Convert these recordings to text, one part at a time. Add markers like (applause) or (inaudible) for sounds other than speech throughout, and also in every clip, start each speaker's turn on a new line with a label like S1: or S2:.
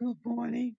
S1: Good morning.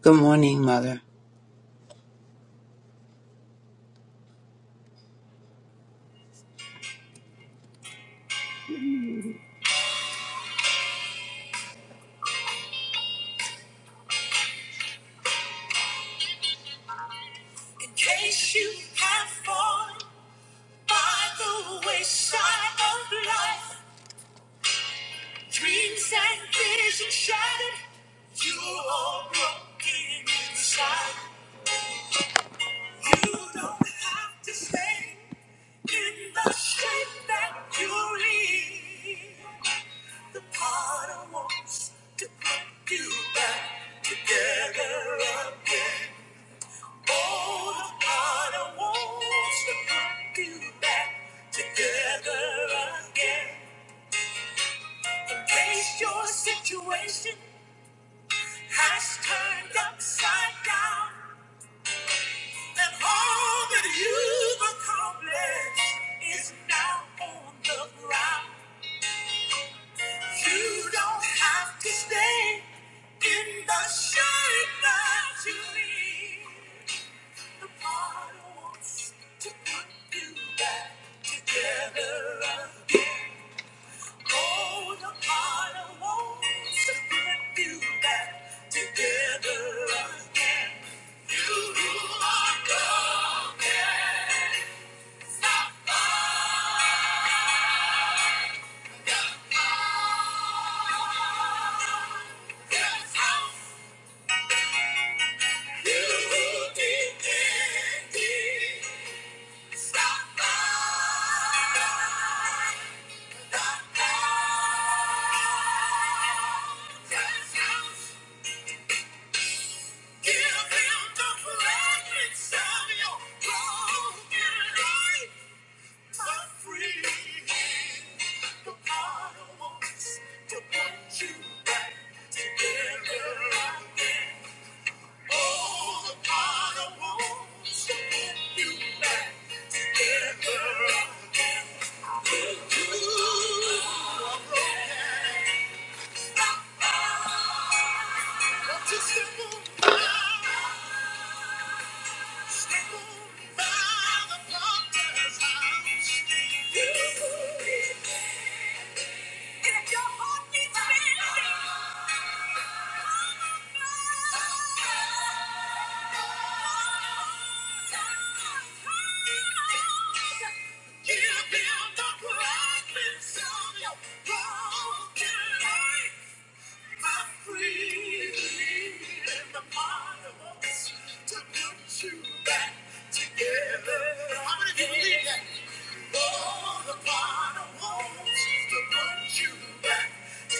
S2: Good morning, Mother. In case you have fallen by the wayside of life, dreams and visions shattered, you're all broken inside. You don't have to stay in the shape that you live. The potter wants to put you back together again. All the heart wants to put you back together again. In case your situation has turned upside down, and all that you've accomplished is now on the ground. You don't have to stay in the shade that you leave. The Father wants to put you back together again. Oh, the Father wants to put you back together again. You who are broken, it's the house. You who did it, it's the Together, Let's just move on. Step out of the darkness, you and me. And if your heart needs mending, I'm a man. Together. How many people need that? Oh, the Father wants to put you back it.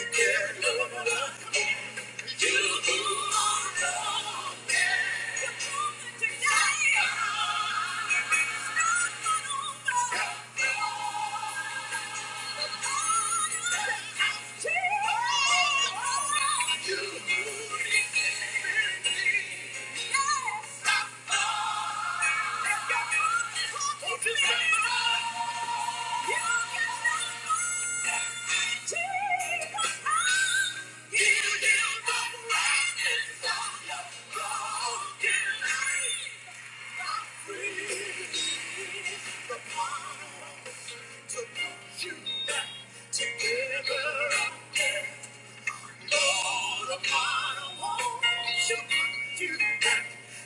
S2: You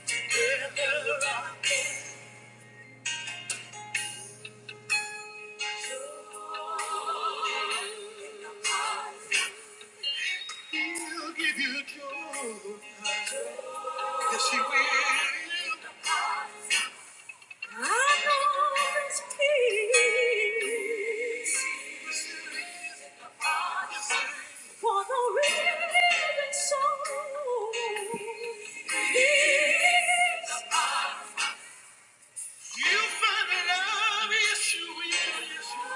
S2: Together, I can. He'll give you joy. Yes, he will. I know his peace. For the living soul. You find love, yes, you will. Yes, you will.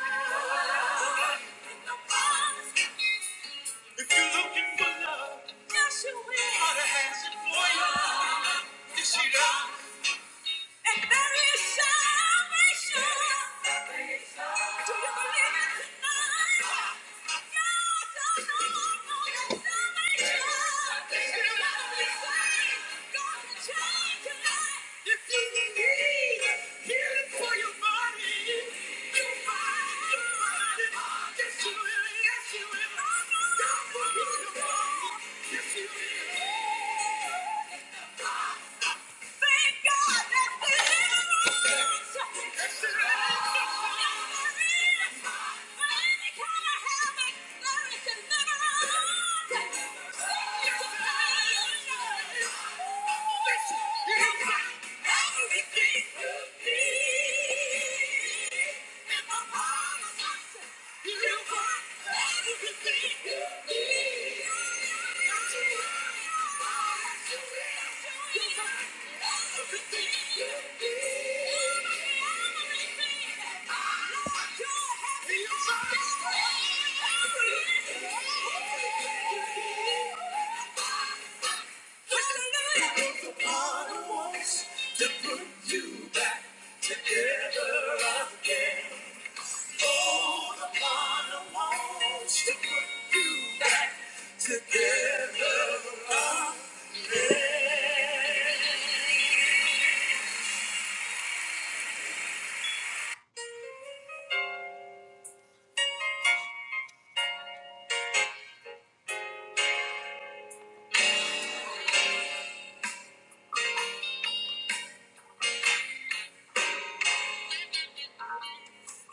S2: If you're looking for love, yes, you will. God has it for you. Yes, he does. And there is salvation. There is salvation. Do you believe it tonight? God does all know your salvation. If You're not only saved, God can change tonight If you need healing for your body, your mind, your body, yes, you will, yes, you will. God will heal your body. Yes, you will. Everything you need. To put you back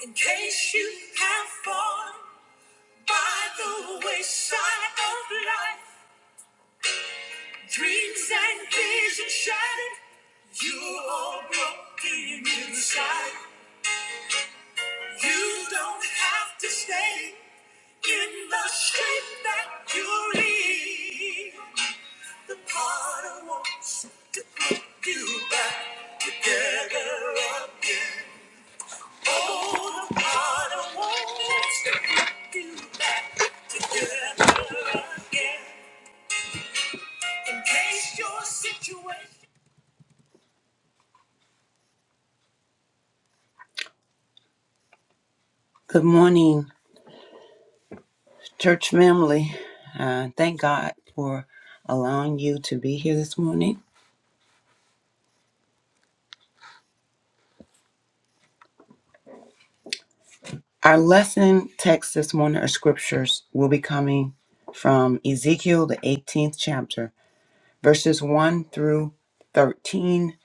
S2: in case you have fallen by the wayside of life. Dreams and visions shattered. You're all broken inside. You don't have to stay in the shape that you leave. The potter wants to put you back together. Oh, the potter wants to put you back in case your situation. Good morning, church family. Uh, thank God for allowing you to be here this morning. Our lesson text this morning, our scriptures, will be coming from Ezekiel, the 18th chapter, verses 1 through 13,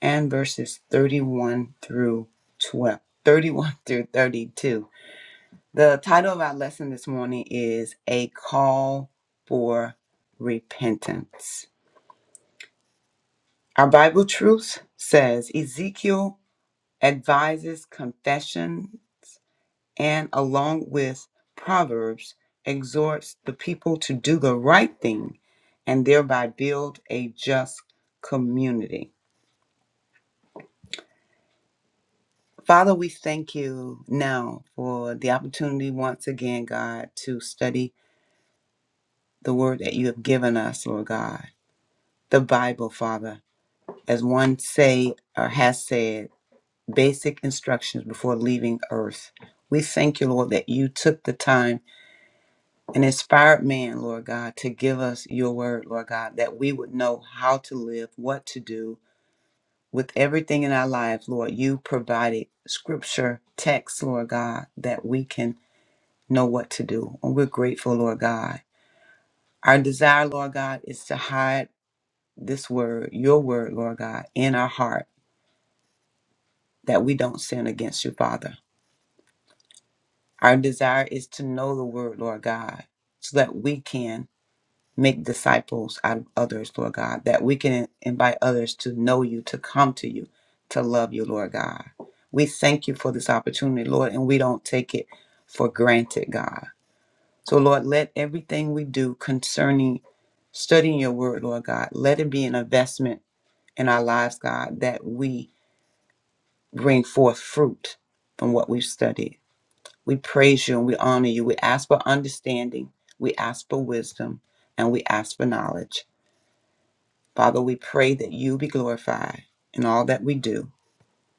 S2: and verses 31 through 12, 31 through 32. The title of our lesson this morning is A Call for Repentance. Our Bible truth says Ezekiel advises confession and along with Proverbs exhorts the people to do the right thing and thereby build a just community. Father, we thank you now for the opportunity once again, God, to study the word that you have given us, Lord God. The Bible, Father, as one say or has said, basic instructions before leaving earth. We thank you, Lord, that you took the time an inspired man, Lord God, to give us your word, Lord God, that we would know how to live, what to do with everything in our lives, Lord. You provided scripture, text, Lord God, that we can know what to do. And we're grateful, Lord God. Our desire, Lord God, is to hide this word, your word, Lord God, in our heart that we don't sin against you, Father. Our desire is to know the word, Lord God, so that we can make disciples out of others, Lord God, that we can invite others to know you, to come to you, to love you, Lord God. We thank you for this opportunity, Lord, and we don't take it for granted, God. So, Lord, let everything we do concerning studying your word, Lord God, let it be an investment in our lives, God, that we bring forth fruit from what we've studied. We praise you and we honor you. We ask for understanding. We ask for wisdom and we ask for knowledge. Father, we pray that you be glorified in all that we do.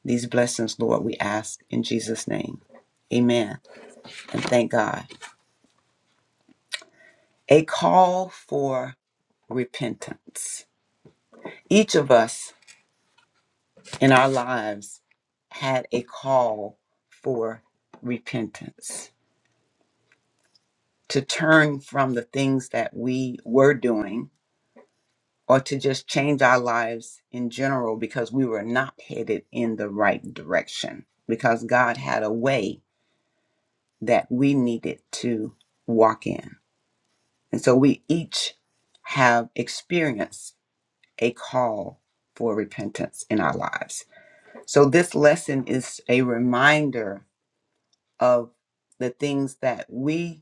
S2: These blessings, Lord, we ask in Jesus' name. Amen. And thank God. A call for repentance. Each of us in our lives had a call for repentance to turn from the things that we were doing or to just change our lives in general because we were not headed in the right direction because God had a way that we needed to walk in. And so we each have experienced a call for repentance in our lives. So this lesson is a reminder of the things that we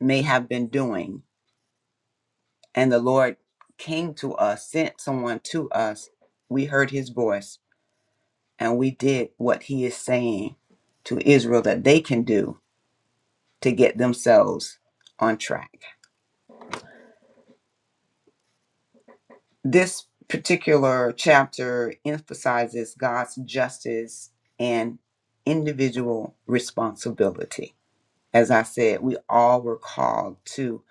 S2: may have been doing and the Lord came to us, sent someone to us. We heard his voice and we did what he is saying to Israel that they can do to get themselves on track. This particular chapter emphasizes God's justice and individual responsibility. As I said, we all were called to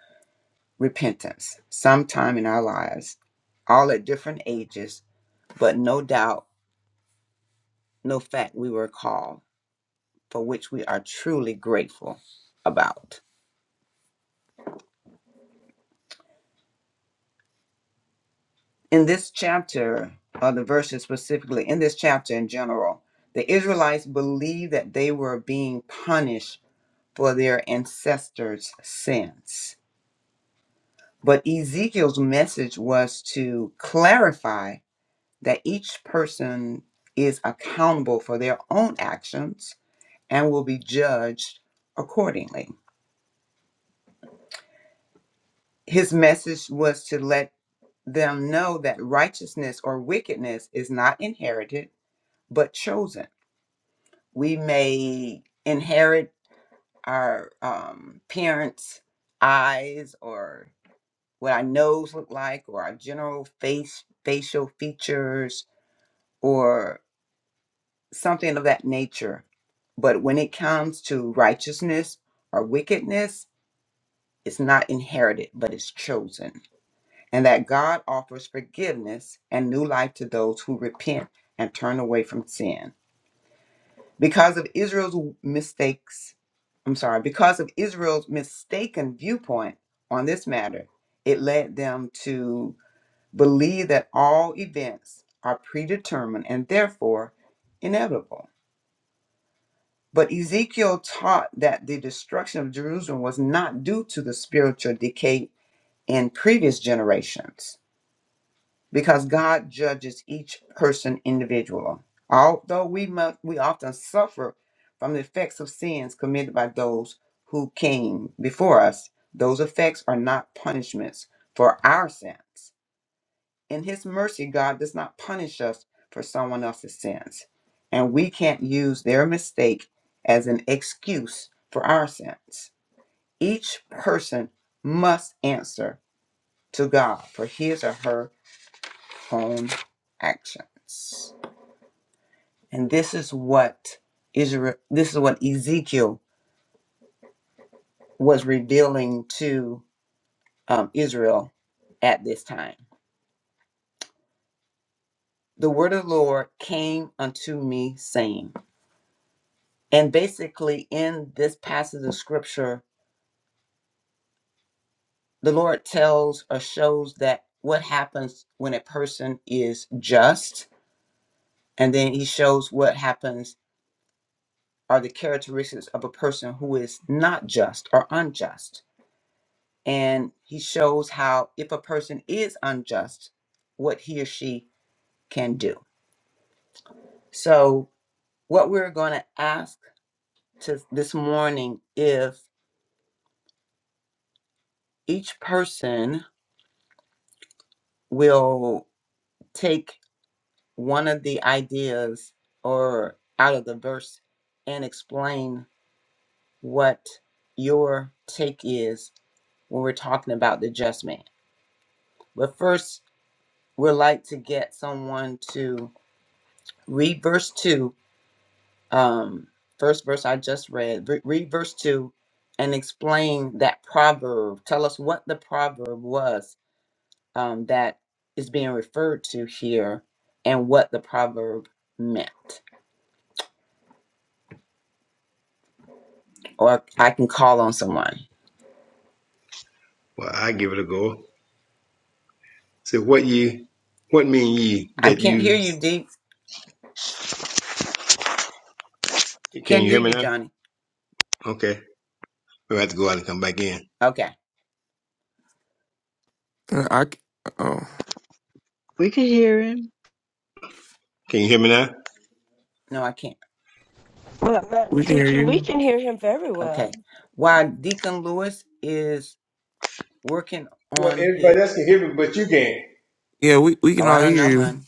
S2: repentance sometime in our lives, all at different ages, but no doubt, no fact, we were called, for which we are truly grateful about. In this chapter, or the verses specifically, in this chapter in general, the Israelites believed that they were being punished for their ancestors' sins. But Ezekiel's message was to clarify that each person is accountable for their own actions and will be judged accordingly. His message was to let them know that righteousness or wickedness is not inherited but chosen. We may inherit our um, parents' eyes or what our nose look like or our general face facial features or something of that nature but when it comes to righteousness or wickedness it's not inherited but it's chosen and that god offers forgiveness and new life to those who repent and turn away from sin because of israel's mistakes i'm sorry because of israel's mistaken viewpoint on this matter it led them to believe that all events are predetermined and therefore inevitable. But Ezekiel taught that the destruction of Jerusalem was not due to the spiritual decay in previous generations, because God judges each person individually. Although we must, we often suffer from the effects of sins committed by those who came before us, those effects are not punishments for our sins. in his mercy, God does not punish us for someone else's sins. And we can't use their mistake as an excuse for our sins. Each person must answer to God for his or her own actions. And this is what Israel this is what Ezekiel was revealing to um, Israel at this time. The word of the Lord came unto me saying, And basically, in this passage of scripture, the Lord tells or shows that what happens when a person is just, and then he shows what happens are the characteristics of a person who is not just or unjust. And he shows how, if a person is unjust, what he or she can do. So, what we're going to ask to this morning if each person will take one of the ideas or out of the verse and explain what your take is when we're talking about the just man. But first, we'd like to get someone to read verse 2, um, first verse I just read, re- read verse 2 and explain that proverb. Tell us what the proverb was um, that is being referred to here and what the proverb meant. or I can call on someone.
S3: Well, I give it a go. So what ye, what mean ye
S2: I
S3: that
S2: can't hear
S3: you,
S2: you, Deep.
S3: can
S2: Can't
S3: you
S2: hear
S3: hear me
S2: you,
S3: now?
S2: Johnny.
S3: Okay. We have to go out and come back in.
S2: Okay.
S4: I c- oh,
S5: We can hear him.
S3: Can you hear me now?
S2: No, I can't.
S6: Well, Madam
S4: we can hear
S6: Teacher, we
S4: you.
S6: can hear him very well.
S2: Okay. While Deacon Lewis is working
S3: Well,
S2: on his.
S3: everybody else can hear me, but you can't.
S4: Yeah, we we can
S2: Oh, I
S4: all
S2: don't
S4: hear
S2: know,
S4: you.
S2: hon.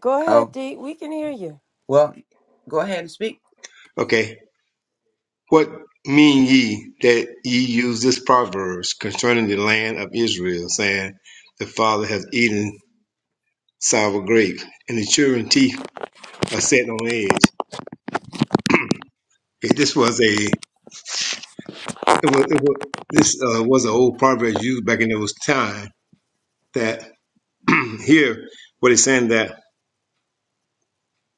S6: Go ahead,
S2: Oh,
S6: Dee. We can hear you.
S2: well, go ahead and speak.
S3: Okay. What mean ye that ye use this proverb concerning the land of Israel, saying, the father hath eaten sour grape and the children's teeth are set on edge. Okay, this was a, it was, it was this uh, was an old proverb used back in those time. that (clears throat) here what it's saying that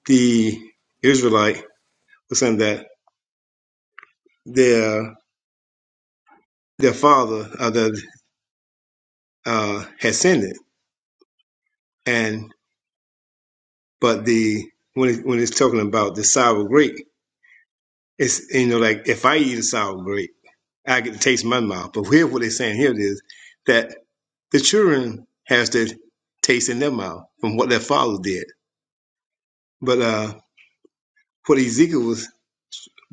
S3: the Israelite was saying that their their father uh, the, uh, had sinned it, and but the when it, when it's talking about the sour grape, it's you know like if I eat a sour grape, I get to taste my mouth. But here what they're saying here is that the children has to taste in their mouth from what their father did. But uh, what Ezekiel was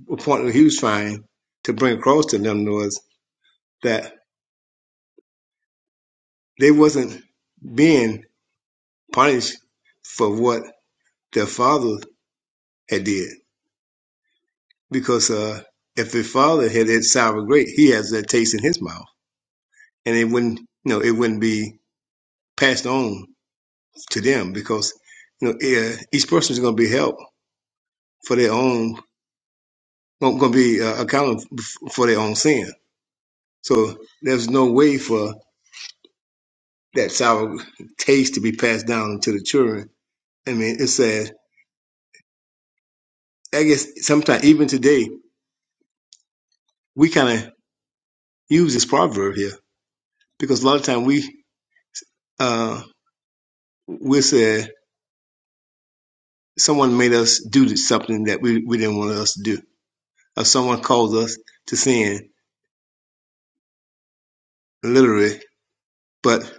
S3: the point that he was trying to bring across to them was that They wasn't being punished for what their father had did. Because uh, if their father had that sour grape, he has that taste in his mouth. And it wouldn't, you know, it wouldn't be passed on to them because, you know, eh, each person is going to be held for their own, going to be uh, accountable for their own sin. So there's no way for that sour taste to be passed down to the children. I mean, it's sad. I guess sometimes, even today, we kind of use this proverb here because a lot of time we uh we say someone made us do something that we, we didn't want us to do or someone calls us to sin literally but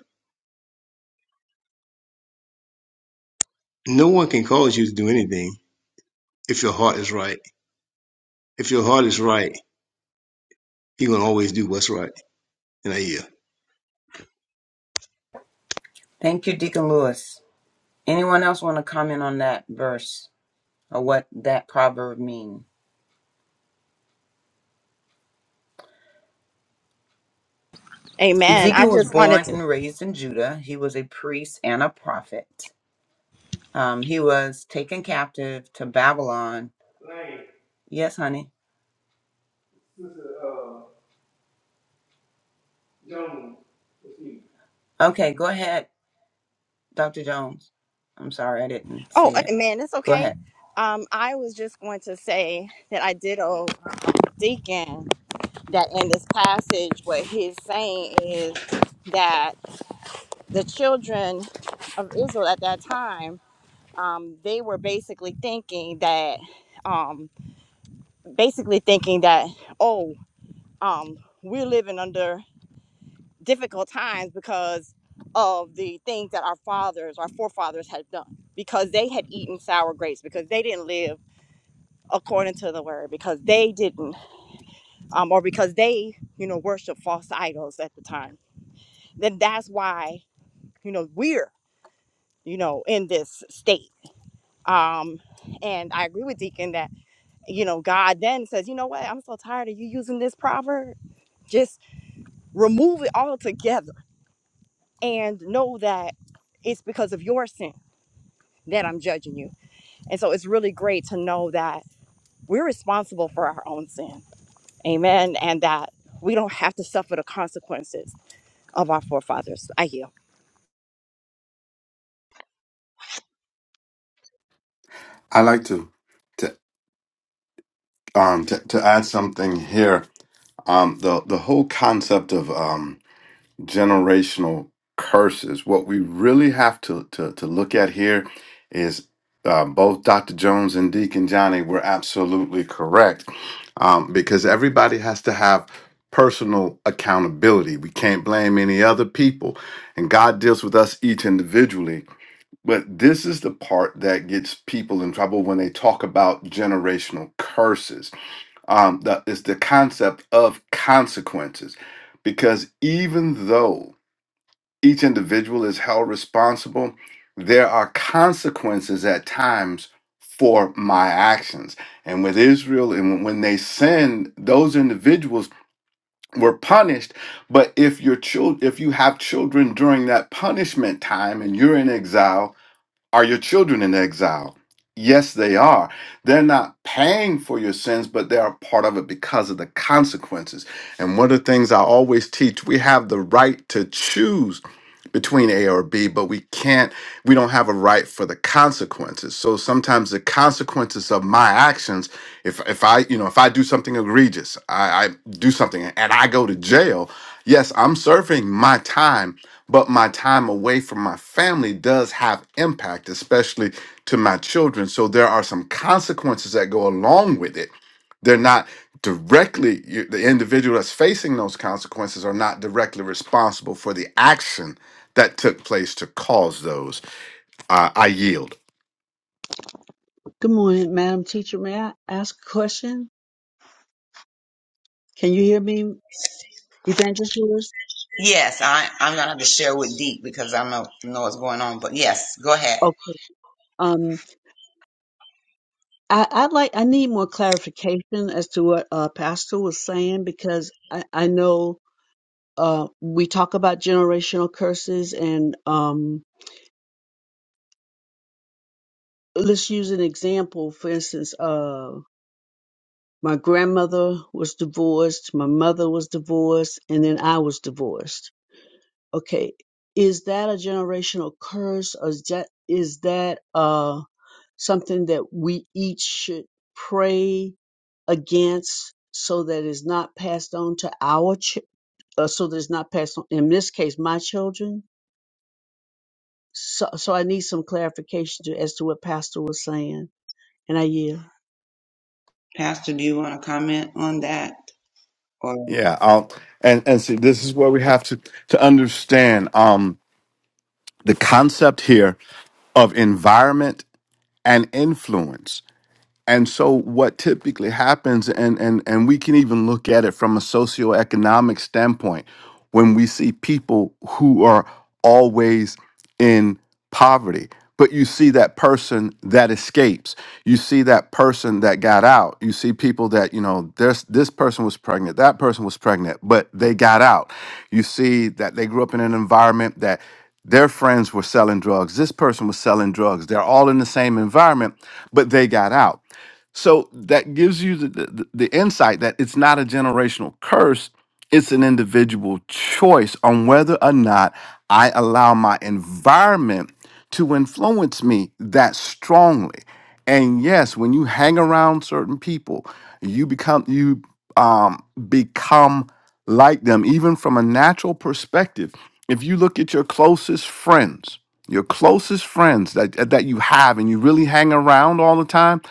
S3: no one can cause you to do anything if your heart is right if your heart is right you're going to always do what's right in a year
S2: Thank you, Deacon Lewis. Anyone else want to comment on that verse or what that proverb means?
S7: Amen. I
S2: Ezekiel was
S7: just wanted
S2: born
S7: to.
S2: and raised in Judah. He was a priest and a prophet. Um, he was taken captive to Babylon. Yes, honey. Okay, go ahead, Dr. Jones. I'm sorry I didn't
S7: Oh,
S2: see it.
S7: amen. It's
S2: Go ahead.
S7: okay. Um, I was just going to say that I did owe um, Deacon that in this passage, what he's saying is that the children of Israel at that time, um, they were basically thinking that, um, basically thinking that, oh, um, we're living under difficult times because of the things that our fathers, our forefathers had done, because they had eaten sour grapes, because they didn't live according to the word, because they didn't, um, or because they, you know, worship false idols at the time. Then that's why, you know, we're, you know, in this state. Um, and I agree with Deacon that, you know, God then says, you know what, I'm so tired of you using this proverb. Just remove it altogether and know that it's because of your sin that I'm judging you. And so it's really great to know that we're responsible for our own sin. Amen. And that we don't have to suffer the consequences of our forefathers. I heal.
S8: I like to to um to, to add something here. Um, the the whole concept of um generational curses. What we really have to to to look at here is um, both Dr. Jones and Deacon Johnny were absolutely correct um, because everybody has to have personal accountability. We can't blame any other people, and God deals with us each individually but this is the part that gets people in trouble when they talk about generational curses. Um, that is the concept of consequences, because even though each individual is held responsible, there are consequences at times for my actions. And with Israel, and when they sinned, those individuals were punished. But if your child, if you have children during that punishment time, and you're in exile are your children in exile? Yes, they are. They're not paying for your sins, but they are part of it because of the consequences. And one of the things I always teach we have the right to choose between A or B, but we can't, we don't have a right for the consequences. So sometimes the consequences of my actions if if I you know if I do something egregious, I, I do something and I go to jail. Yes, I'm serving my time, but my time away from my family does have impact, especially to my children. So there are some consequences that go along with it. They're not directly you- the individual that's facing those consequences are not directly responsible for the action that took place to cause those. Uh, I yield.
S5: Good morning, Madam Teacher. May I ask a question? Can you hear me, Evangelist Willis?
S3: Yes, I, I'm going to have to share with Deep because I know, know what's going on. But yes, go ahead.
S5: Okay. Um, I, I'd like, I need more clarification as to what uh, Pastor was saying because I, I know uh, we talk about generational curses and um, let's use an example. For instance, uh, my grandmother was divorced, my mother was divorced, and then I was divorced Okay, is that a generational curse, or is that is that uh, something that we each should pray against, so that it's not passed on to our ch- uh, so that it's not passed on. In this case, my children. So, so I need some clarification to, as to what Pastor was saying, and I yield.
S3: Pastor, do you want to comment on that? Or
S8: Yeah, um, and and see, this is where we have to to understand um, the concept here of environment and influence and so what typically happens and and and we can even look at it from a socioeconomic standpoint when we see people who are always in poverty but you see that person that escapes you see that person that got out you see people that you know there's this person was pregnant that person was pregnant but they got out you see that they grew up in an environment that their friends were selling drugs this person was selling drugs they're all in the same environment but they got out so that gives you the, the, the insight that it's not a generational curse, it's an individual choice on whether or not I allow my environment to influence me that strongly. And yes, when you hang around certain people, you become you um become like them even from a natural perspective. If you look at your closest friends, your closest friends that that you have and you really hang around all the time,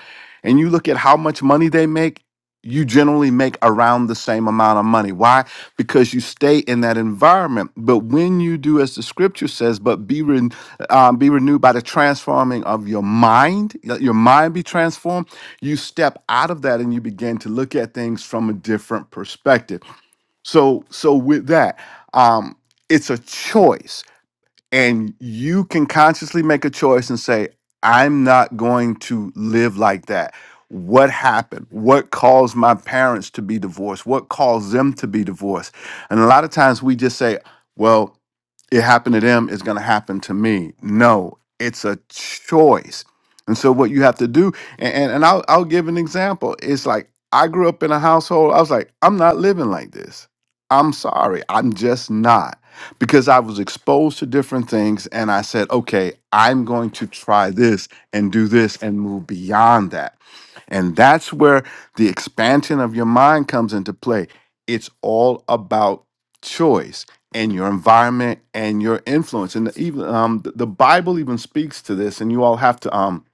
S8: and you look at how much money they make, you generally make around the same amount of money. Why? Because you stay in that environment. But when you do, as the scripture says, but be ren- um, be renewed by the transforming of your mind, let your mind be transformed. You step out of that and you begin to look at things from a different perspective. So, so with that, um, it's a choice and you can consciously make a choice and say i'm not going to live like that what happened what caused my parents to be divorced what caused them to be divorced and a lot of times we just say well it happened to them It's going to happen to me. No, it's a choice. And so what you have to do, and, and, and I'll, I'll give an example. It's like I grew up in a household, I was like, I'm not living like this. I'm sorry, I'm just not. Because I was exposed to different things and I said, okay, I'm going to try this and do this and move beyond that. And that's where the expansion of your mind comes into play. It's all about choice and your environment and your influence. And even um, the the Bible even speaks to this. And you all have to um,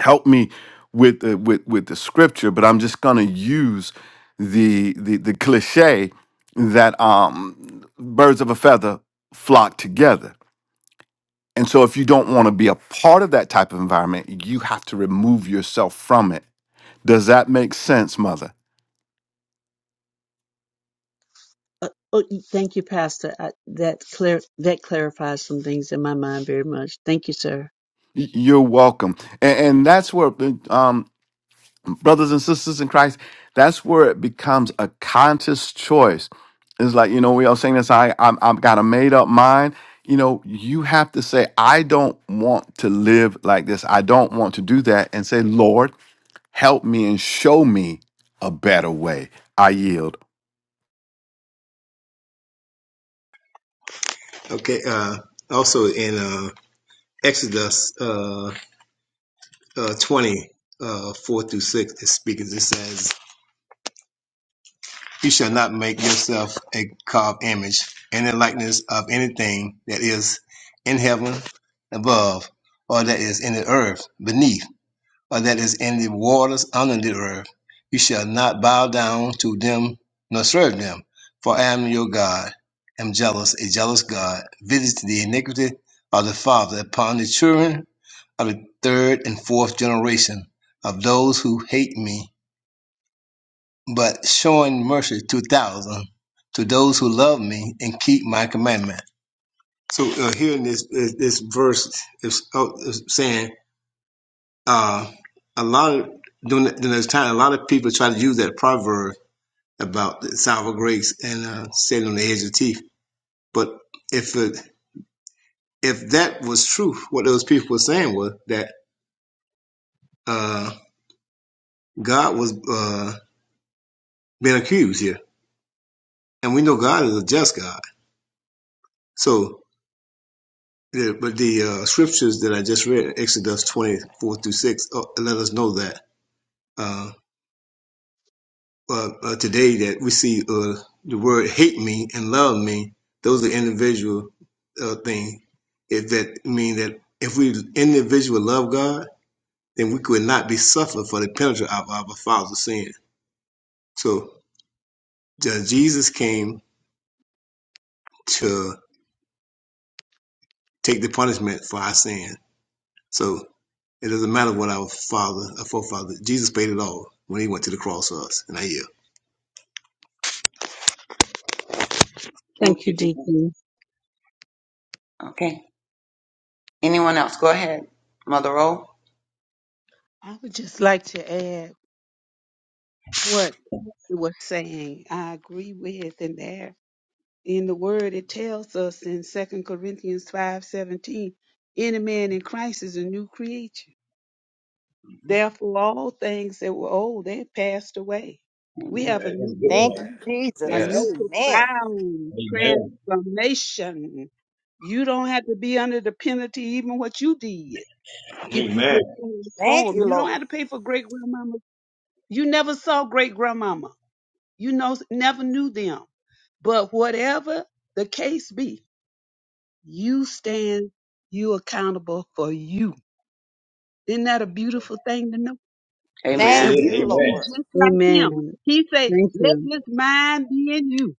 S8: help me with the, with with the scripture, but I'm just going to use the, the the cliche that um, birds of a feather flock together. And so, if you don't want to be a part of that type of environment, you have to remove yourself from it does that make sense, Mother?
S5: Uh, oh, thank you, Pastor. I, that clar- that clarifies some things in my mind very much. Thank you, sir.
S8: Y- You're welcome. And, and that's where, um, brothers and sisters in Christ, that's where it becomes a conscious choice. It's like, you know, we all saying this, I, I'm, I've got a made up mind. You know, you have to say, I don't want to live like this. I don't want to do that. And say, Lord, help me and show me a better way. I yield.
S3: okay uh also in uh exodus uh, uh, 20, uh, 4 through 6, it speaks, it says, You shall not make yourself a carved image in the likeness of anything that is in heaven above, or that is in the earth beneath, or that is in the waters under the earth. You shall not bow down to them nor serve them, for I am your God, am jealous, a jealous God, visits the iniquity of the father upon the children of the third and fourth generation of those who hate me, but showing mercy to thousands, to those who love me and keep my commandment. So uh, here in this this verse is, oh, saying uh, a lot of during, during this time, a lot of people try to use that proverb about the sour grapes and uh, sitting on the edge of teeth. But if it, if that was true, what those people were saying was that uh, God was uh, being accused here And we know God is a just God. So, but the uh, scriptures that I just read, Exodus 24 through 6, uh, let us know that uh, uh, uh, today that we see uh, the word hate me and love me, those are individual uh, things. If that mean that if we individual love God, then we could not be suffered for the penalty of our father's sin. So uh, Jesus came to take the punishment for our sin So it doesn't matter what our father, our forefather, Jesus paid it all when he went to the cross for us. And I yield.
S5: Thank
S3: Thank
S5: you,
S3: you, Deacon.
S5: Deacon.
S3: Okay. Anyone else? Go ahead, Mother O.
S1: I would just like to add what it was saying. I agree with and there in the word it tells us in Second Corinthians 5:17, any man in Christ is a new creature. Therefore all things that were old they have passed away. We have a new birth,
S7: Thank you,
S1: a
S7: Jesus.
S3: Yes.
S1: new
S7: Amen.
S1: profound transformation. You don't have to be under the penalty even what you did. If you get
S7: Thank
S1: transformed,
S7: you,
S1: you don't
S7: Lord.
S1: have to pay for great grandmama You never saw great grandmama. You know, never knew them. But whatever the case be, you stand, you accountable for you. Isn't that a beautiful thing to know?
S3: Yes, it
S1: And
S3: Amen.
S7: Thank
S3: is.
S1: we
S7: you,
S1: can be
S7: Lord.
S1: just like him.
S5: Amen.
S1: He said,
S5: Thank
S1: let
S5: you.
S1: this mind be in you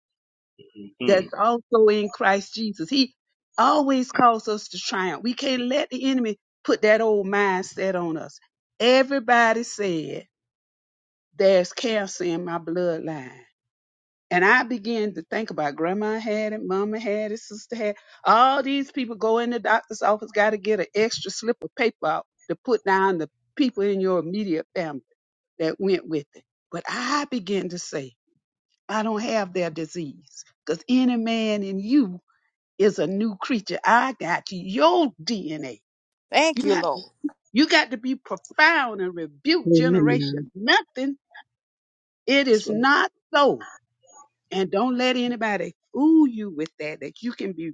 S3: Mm,
S1: that's also in Christ Jesus. He always calls us to triumph. We can't let the enemy put that old mindset on us. Everybody said, there's cancer in my bloodline. And I began to think about grandma had it, mama had it, sister had it. All these people go in the doctor's office, got to get an extra slip of paper out to put down the people in your immediate family that went with it. But I began to say, I don't have their disease because any man in you is a new creature. I got your DNA.
S7: Thank
S1: You
S7: you,
S1: have
S7: Lord.
S1: to, you got to be profound and rebuke
S5: Amen.
S1: generation. Nothing. It
S3: that's
S1: is not so. And don't let anybody fool you with that, that you can be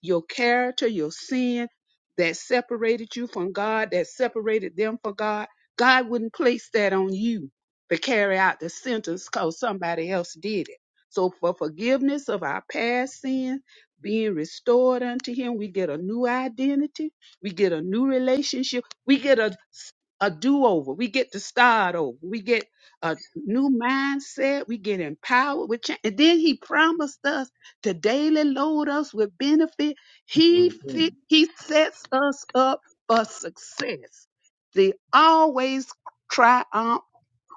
S1: your character, your sin that separated you from God, that separated them from God. God wouldn't place that on you to carry out the sentence because somebody else did it. So, for forgiveness of our past sin, being restored unto Him, we get a new identity, we get a new relationship, we get a, a do over, we get to start over, we get a new mindset. We get empowered with change. And then he promised us to daily load us with benefit. He fit, he sets us up for success. They always triumph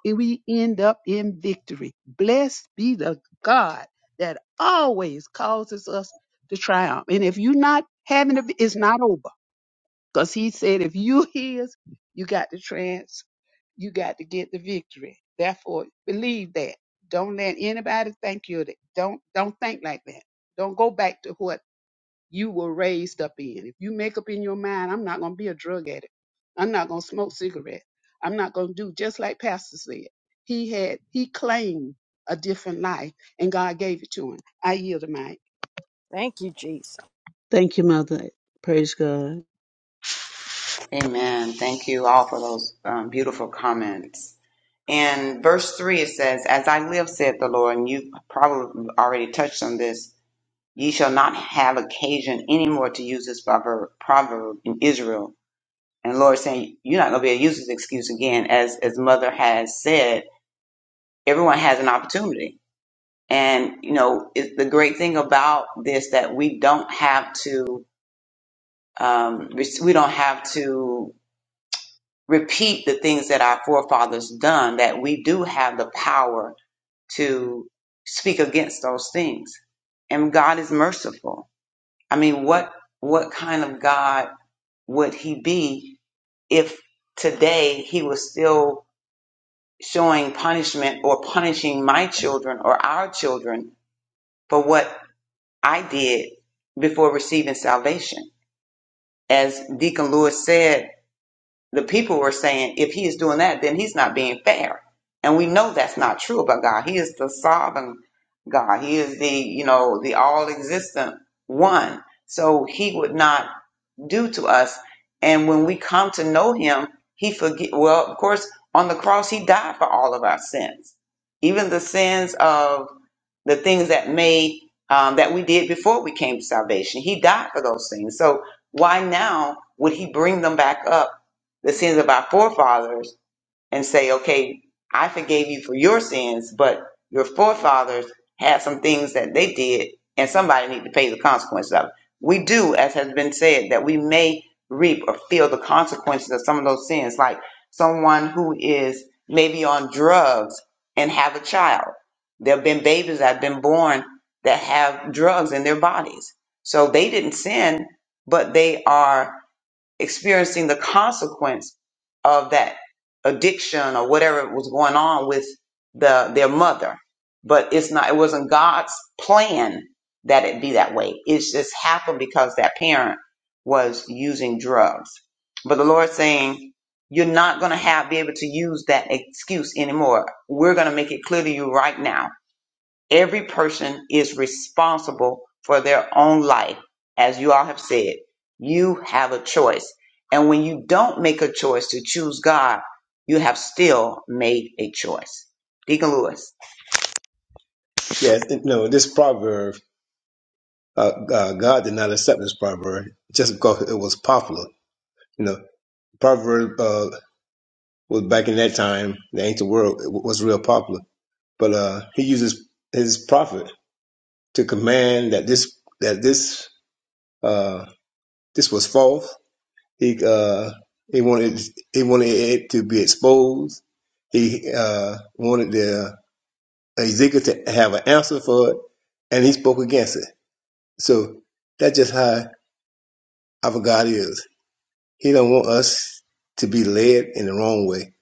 S1: and we end up in victory. Blessed be the God that always causes us to triumph. And if you're not having a, it's not over. Because he said, if you his, you got to transform you got to get the victory. Therefore, believe that. Don't let anybody think you're that. Don't don't think like that. Don't go back to what you were raised up in. If you make up in your mind, I'm not gonna be a drug addict. I'm not gonna smoke cigarettes. I'm not gonna do just like Pastor said. He had he claimed a different life and God gave it to him. I yield to mine.
S7: Thank you, Jesus.
S5: Thank you, Mother. Praise God.
S3: right. Amen. Thank you all for those um, beautiful comments. In verse 3, it says, As I live, saith the Lord, and you probably already touched on this, ye shall not have occasion any more to use this proverb, proverb in Israel And the Lord is saying, You're not gonna be able to use this excuse again, as as mother has said, everyone has an opportunity. And you know, it, the great thing about this that we don't have to um, we don't have to repeat the things that our forefathers done. That we do have the power to speak against those things. And God is merciful. I mean, what what kind of God would He be if today He was still showing punishment or punishing my children or our children for what I did before receiving salvation. As Deacon Lewis said, the people were saying, if he is doing that, then he's not being fair. And we know that's not true about God. He is the sovereign God. He is the, you know, the all existent one. So he would not do to us. And when we come to know him, he forget well, of course, on the cross he died for all of our sins. Even the sins of the things that made um, that we did before we came to salvation. He died for those things. So why now would he bring them back up, the sins of our forefathers, and say, okay, I forgave you for your sins, but your forefathers had some things that they did, and somebody need to pay the consequences of it. We do, as has been said, that we may reap or feel the consequences of some of those sins, like someone who is maybe on drugs and have a child. There have been babies that have been born that have drugs in their bodies. So they didn't sin, but they are experiencing the consequence of that addiction or whatever was going on with the their mother. But it's not it wasn't God's plan that it be that way. It's just happened because that parent was using drugs. But the Lord's saying, You're not gonna have be able to use that excuse anymore. We're gonna make it clear to you right now Every person is responsible for their own life. As you all have said, you have a choice. And when you don't make a choice to choose God, you have still made a choice. Deacon Lewis. Yes, it- no, this proverb, uh, uh, God did not accept this proverb just because it was popular. You know, proverb uh, was back in that time, the ancient world it was real popular. But uh, he uses his prophet to command that this that this uh, This was false. He uh he wanted he wanted it to be exposed. He uh wanted the uh, Ezekiel to have an answer for it, and he spoke against it. So that's just how our God is. He don't want us to be led in the wrong way.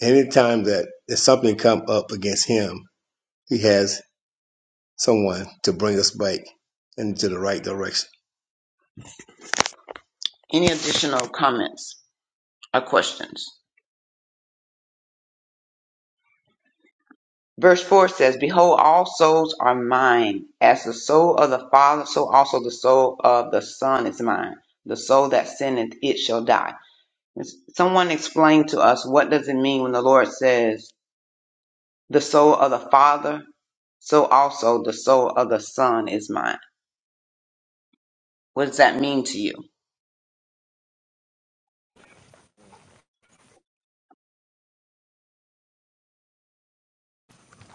S3: Anytime that there's something come up against him, he has someone to bring us back into the right direction. Any additional comments or questions? Verse 4 says, Behold, all souls are mine. As the soul of the Father, so also the soul of the Son is mine. The soul that sinneth, it shall die. Someone explain to us what does it mean when the Lord says, The soul of the Father, so also the soul of the Son is mine. What does that mean to you?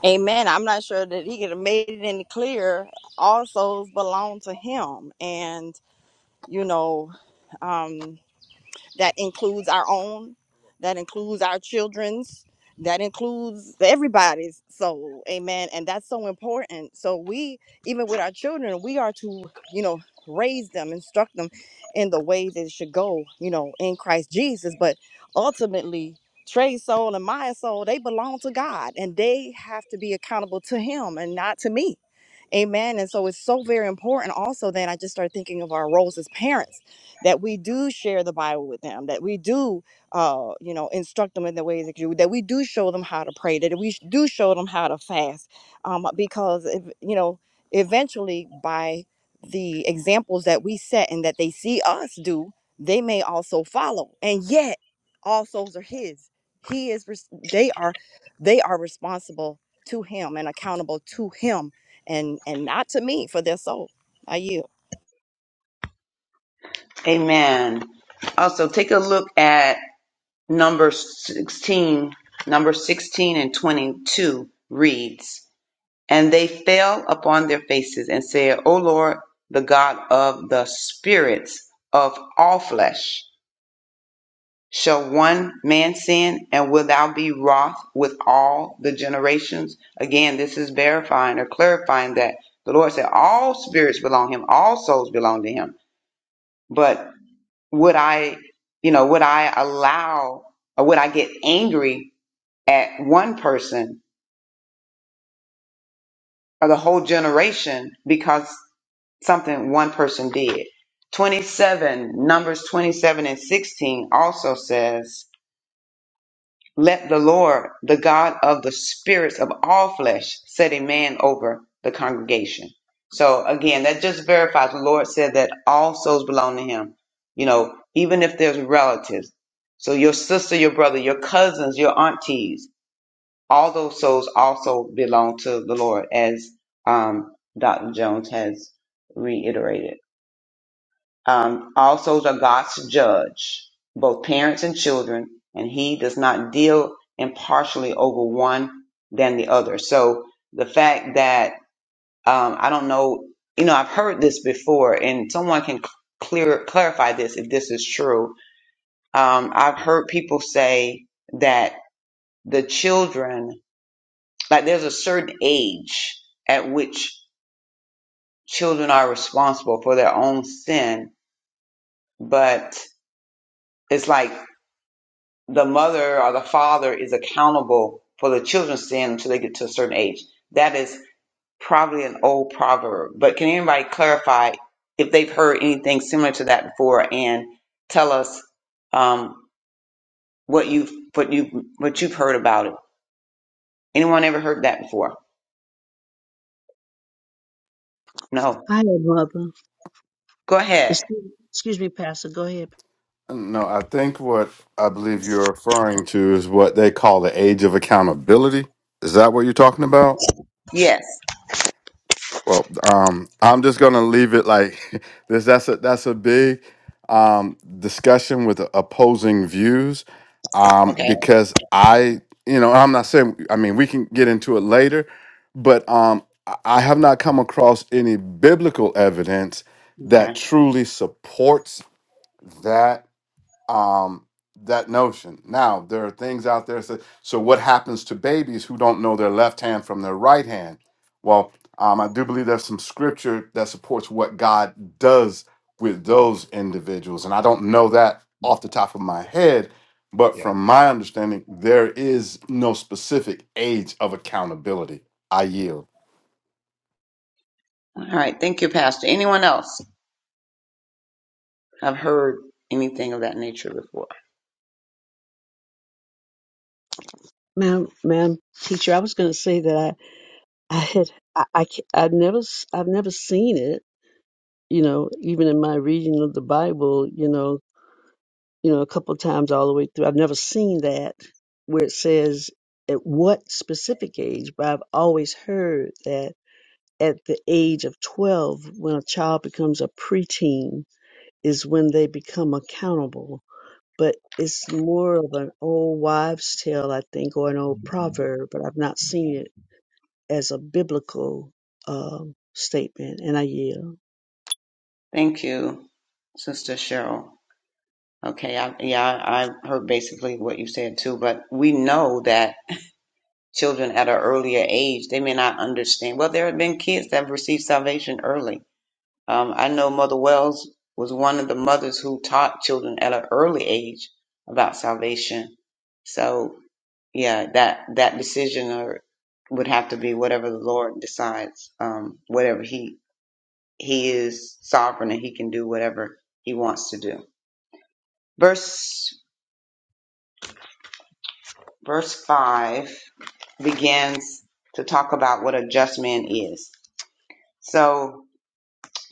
S7: Amen. I'm not sure that he could have made it any clearer. All souls belong to him. And, you know, um, that includes our own that includes our children's that includes everybody's soul amen and that's so important so we even with our children we are to you know raise them instruct them in the way that it should go you know in christ jesus but ultimately trey's soul and my soul they belong to god and they have to be accountable to him and not to me amen and so it's so very important also then i just started thinking of our roles as parents that we do share the Bible with them, that we do, uh, you know, instruct them in the ways that you, that we do show them how to pray, that we do show them how to fast, um, because if, you know, eventually by the examples that we set and that they see us do, they may also follow. And yet, all souls are His. He is. res- They are. They are responsible to Him and accountable to Him, and and not to me for their soul. I yield.
S3: Amen. Also, take a look at number 16. Number 16 and 22 reads, And they fell upon their faces and said, O Lord, the God of the spirits of all flesh, shall one man sin, and wilt thou be wroth with all the generations? Again, this is verifying or clarifying that the Lord said all spirits belong to him, all souls belong to him. But would I, you know, would I allow or would I get angry at one person or the whole generation because something one person did. 27, Numbers 27 and 16 also says, Let the Lord, the God of the spirits of all flesh, set a man over the congregation. So again, that just verifies the Lord said that all souls belong to him, you know, even if there's relatives. So your sister, your brother, your cousins, your aunties, all those souls also belong to the Lord, as um, Dr. Jones has reiterated. Um, all souls are God's judge, both parents and children, and He does not deal impartially over one than the other. So the fact that um, I don't know, you know, I've heard this before, and someone can clear clarify this if this is true. Um, I've heard people say that the children, like there's a certain age at which children are responsible for their own sin, but it's like the mother or the father is accountable for the children's sin until they get to a certain age. That is probably an old proverb, but can anybody clarify if they've heard anything similar to that before and tell us um, what you've what you what you've heard about it? Anyone ever heard that before? No.
S5: Hi, Mother.
S3: Go ahead.
S5: Excuse, excuse me, Pastor. Go ahead.
S8: No, I think what I believe you're referring to is what they call the age of accountability. Is that what you're talking about?
S3: Yes.
S8: Well, um, I'm just gonna leave it like (laughs) this. That's a that's a big um, discussion with opposing views um,
S3: Okay.
S8: because I, you know, I'm not saying. I mean, we can get into it later, but um, I I have not come across any biblical evidence
S3: Okay.
S8: that truly supports that um, that notion. Now, there are things out there. So, so, what happens to babies who don't know their left hand from their right hand? Well, um, I do believe there's some scripture that supports what God does with those individuals. And I don't know that off the top of my head, but from my understanding, there is no specific age of accountability. I yield.
S3: All right. Thank you, Pastor. Anyone else have heard anything of that nature before?
S5: Ma'am, ma'am, teacher, I was going to say that I, I had, I, I, ca- I've never, s- I've never seen it, you know, even in my reading of the Bible, you know, you know, a couple times all the way through. I've never seen that where it says at what specific age, but I've always heard that at the age of 12, when a child becomes a preteen, is when they become accountable but it's more of an old wives' tale, I think, or an old proverb, but I've not seen it as a biblical um, statement, and I yield.
S3: Thank you, Sister Cheryl. Okay, I, yeah, I I heard basically what you said too, but we know that children at an earlier age, they may not understand. Well, there have been kids that have received salvation early. Um, I know Mother Wells was one of the mothers who taught children at an early age about salvation. So, yeah, that that decision or would have to be whatever the Lord decides, um, whatever he he is sovereign and he can do whatever he wants to do. Verse verse 5 begins to talk about what a just man is. So,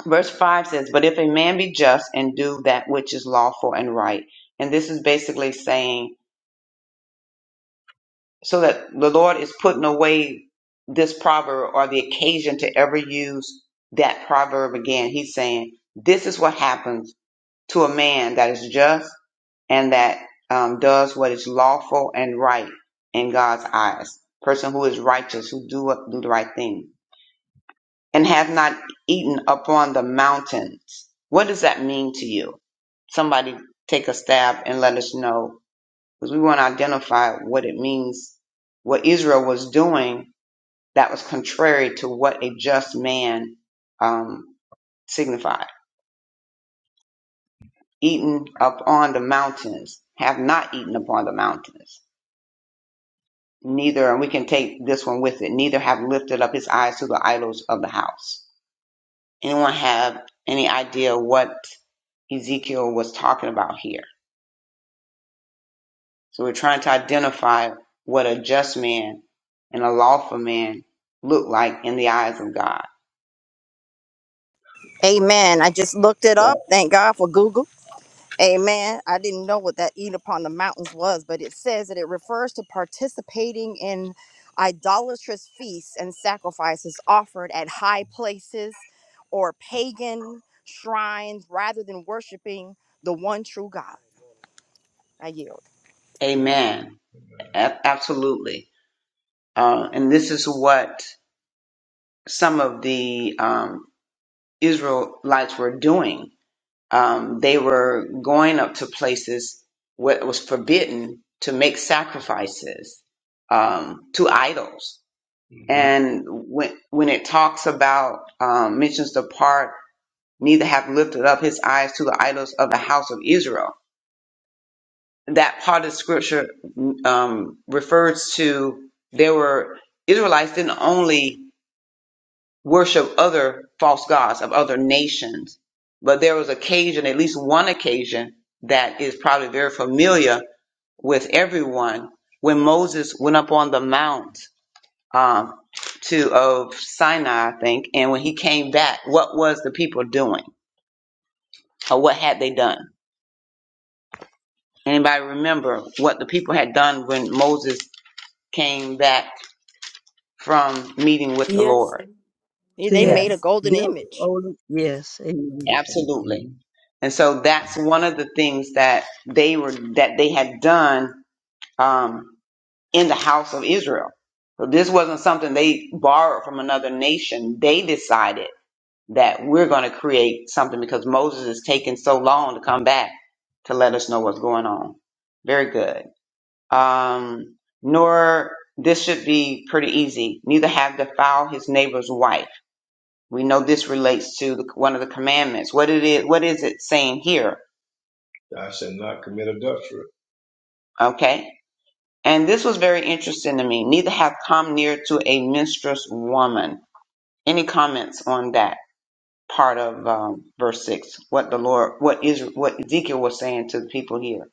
S3: verse 5 says, But if a man be just and do that which is lawful and right. And this is basically saying, so that the Lord is putting away this proverb or the occasion to ever use that proverb again. He's saying, This is what happens to a man that is just and that um, does what is lawful and right in God's eyes. Person who is righteous, who do do the right thing, and have not eaten upon the mountains. What does that mean to you? Somebody take a stab and let us know, because we want to identify what it means. What Israel was doing that was contrary to what a just man um, signified. Eaten upon the mountains, have not eaten upon the mountains neither and we can take this one with it neither have lifted up his eyes to the idols of the house anyone have any idea what ezekiel was talking about here so we're trying to identify what a just man and a lawful man look like in the eyes of god
S7: Amen. I just looked it up.
S3: Yeah.
S7: Thank God for Google. Amen. I didn't know what that eat upon the mountains was, but it says that it refers to participating in idolatrous feasts and sacrifices offered at high places or pagan shrines rather than worshiping the one true God. I yield.
S3: amen A- absolutely uh, and this is what some of the um, israelites were doing um, they were going up to places where it was forbidden to make sacrifices um, to idols. hmm And when when it talks about um, mentions the part neither have lifted up his eyes to the idols of the house of Israel. That part of scripture um, refers to there were Israelites didn't only worship other false gods of other nations. But there was occasion, at least one occasion, that is probably very familiar with everyone when Moses went up on the mount um, to of Sinai, I think, and when he came back, what was the people doing, or what had they done? Anybody remember what the people had done when Moses came back from meeting with the
S6: Yes.
S3: Lord?
S7: Yeah,
S5: They
S7: They
S5: had
S7: made a
S6: Yes.
S7: golden
S5: built
S7: image.
S5: Olymp- Yes, amen.
S3: Absolutely. And so that's one of the things that they were that they had done um, in the house of Israel. So this wasn't something they borrowed from another nation. They decided that we're going to create something because Moses is taking so long to come back to let us know what's going on. Very good. Um, nor this should be pretty easy. Neither have defiled his neighbor's wife we know this relates to the, one of the commandments. What it is, what is it saying here? Thou shalt not commit adultery. Okay. And this was very interesting to me. Neither have come near to a minstrous woman. Any comments on that part of um, verse six? What the Lord, what is, what Ezekiel was saying to the people here.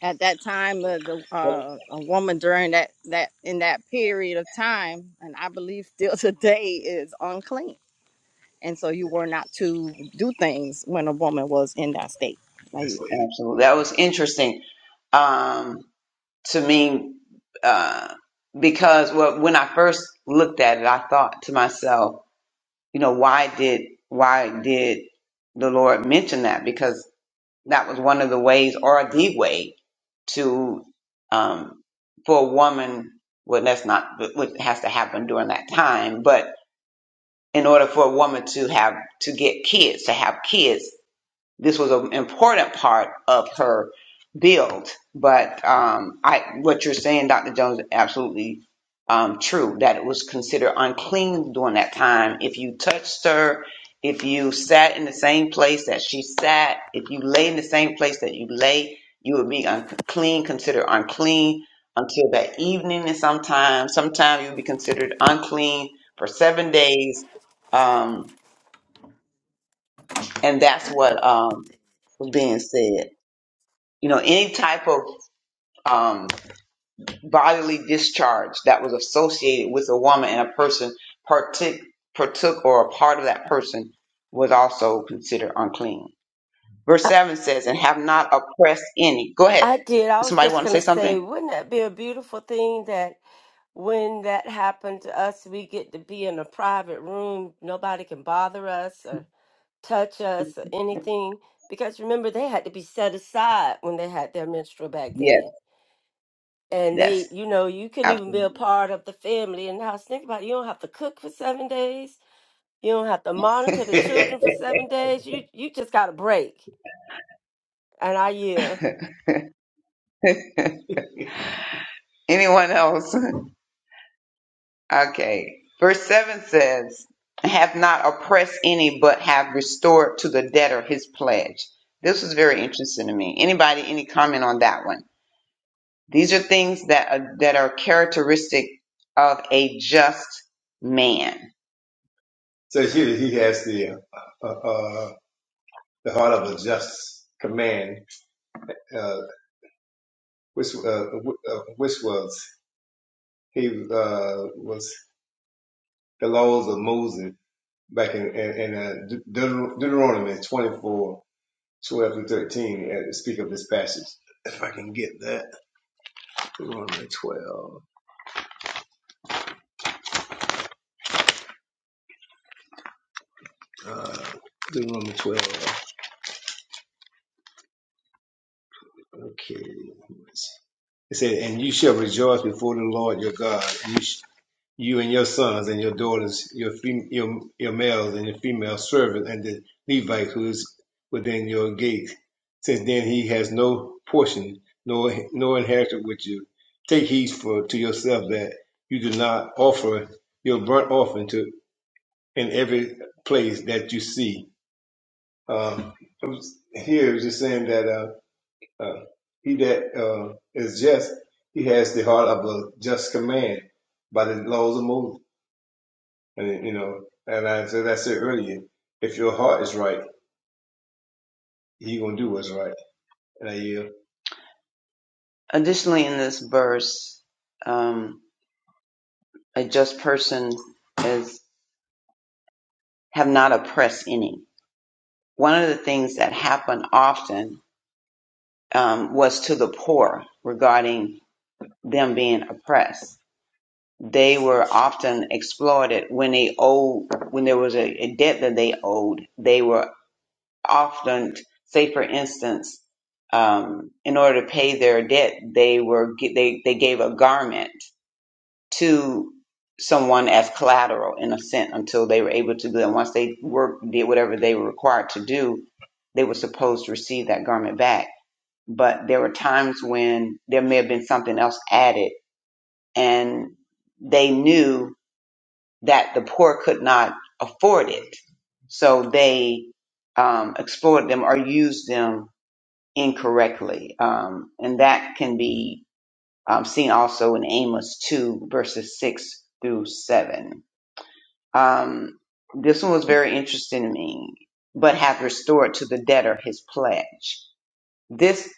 S7: at that time uh, the uh, a woman during that that in that period of time and i believe still (laughs) today is unclean and so you were not to do things when a woman was in that state I
S3: That's
S7: yield.
S3: it. Absolutely. That was interesting um, to me uh, because well, when I first looked at it, I thought to myself, you know why did why did the lord mention that because that was one of the ways or the way to um for a woman well that's not what has to happen during that time but in order for a woman to have to get kids to have kids this was an important part of her build. But um, I, what you're saying, Dr. Jones, is absolutely um, true. That it was considered unclean during that time. If you touched her, if you sat in the same place that she sat, if you lay in the same place that you lay, you would be unclean, considered unclean until that evening. And sometimes, sometimes you would be considered unclean for seven days. Um, and that's what um, was being said you know, any type of um, bodily discharge that was associated with a woman and a person partook, partook or a part of that person was also considered unclean. Verse 7 says, and have not oppressed any. Go ahead.
S6: I did. I was
S3: Somebody
S6: just
S3: want to
S6: going
S3: say
S6: to
S3: something?
S6: say, wouldn't that be a beautiful thing that when that happened to us, we get to be in a private room. Nobody can bother us or touch us or anything. Because remember, they had to be set aside when they had their menstrual back
S3: Yes,
S6: then. And
S3: yes.
S6: they, you know, you couldn't even be a part of the family in the house. Think about it. You don't have to cook for seven days. You don't have to monitor the
S3: Absolutely.
S6: children for seven days. You you just got a break. And I yield.
S3: (laughs) Anyone else? Okay. Verse 7 says, have not oppressed any, but have restored to the debtor his pledge. This was very interesting to me. Anybody, any comment on that one? These are things that are, that are characteristic of a just man. So here he has the uh, uh, uh, the heart of a just command, uh, which uh, uh, which was he uh, was the laws of Moses back in in, in uh, Deuter- Deuteronomy twenty four twelve 12 through 13 uh, speak of this passage. If I can get that. Deuteronomy 12. Uh, Deuteronomy 12. Okay. let's see. It said, "And you shall rejoice before the Lord your God, and you, sh- you and your sons and your daughters, your fem- your your males and your female servants, and the Levite who is within your gates. Since then he has no portion, nor no inheritance with you. Take heed for to yourself that you do not offer your burnt offering to in every place that you see." Um, it was- here it was just saying that. Um, uh, he that uh, is just, he has the heart of a just command by the laws of Moses. And you know, and I said I said earlier, if your heart is right, he gonna do what's right. And I yield. Additionally, in this verse, um, a just person is have not oppressed any. One of the things that happened often um, was to the poor regarding them being oppressed. they were often exploited when they owed when there was a, a debt that they owed they were often say for instance um, in order to pay their debt they were gi- they they gave a garment to someone as collateral in a sense until they were able to do that once they worked did whatever they were required to do they were supposed to receive that garment back but there were times when there may have been something else added and they knew that the poor could not afford it. So they um, exploited them or used them incorrectly. Um, and that can be um, seen also in Amos 2, verses 6 through 7. Um, this one was very interesting to me, but hath restored to the debtor his pledge. This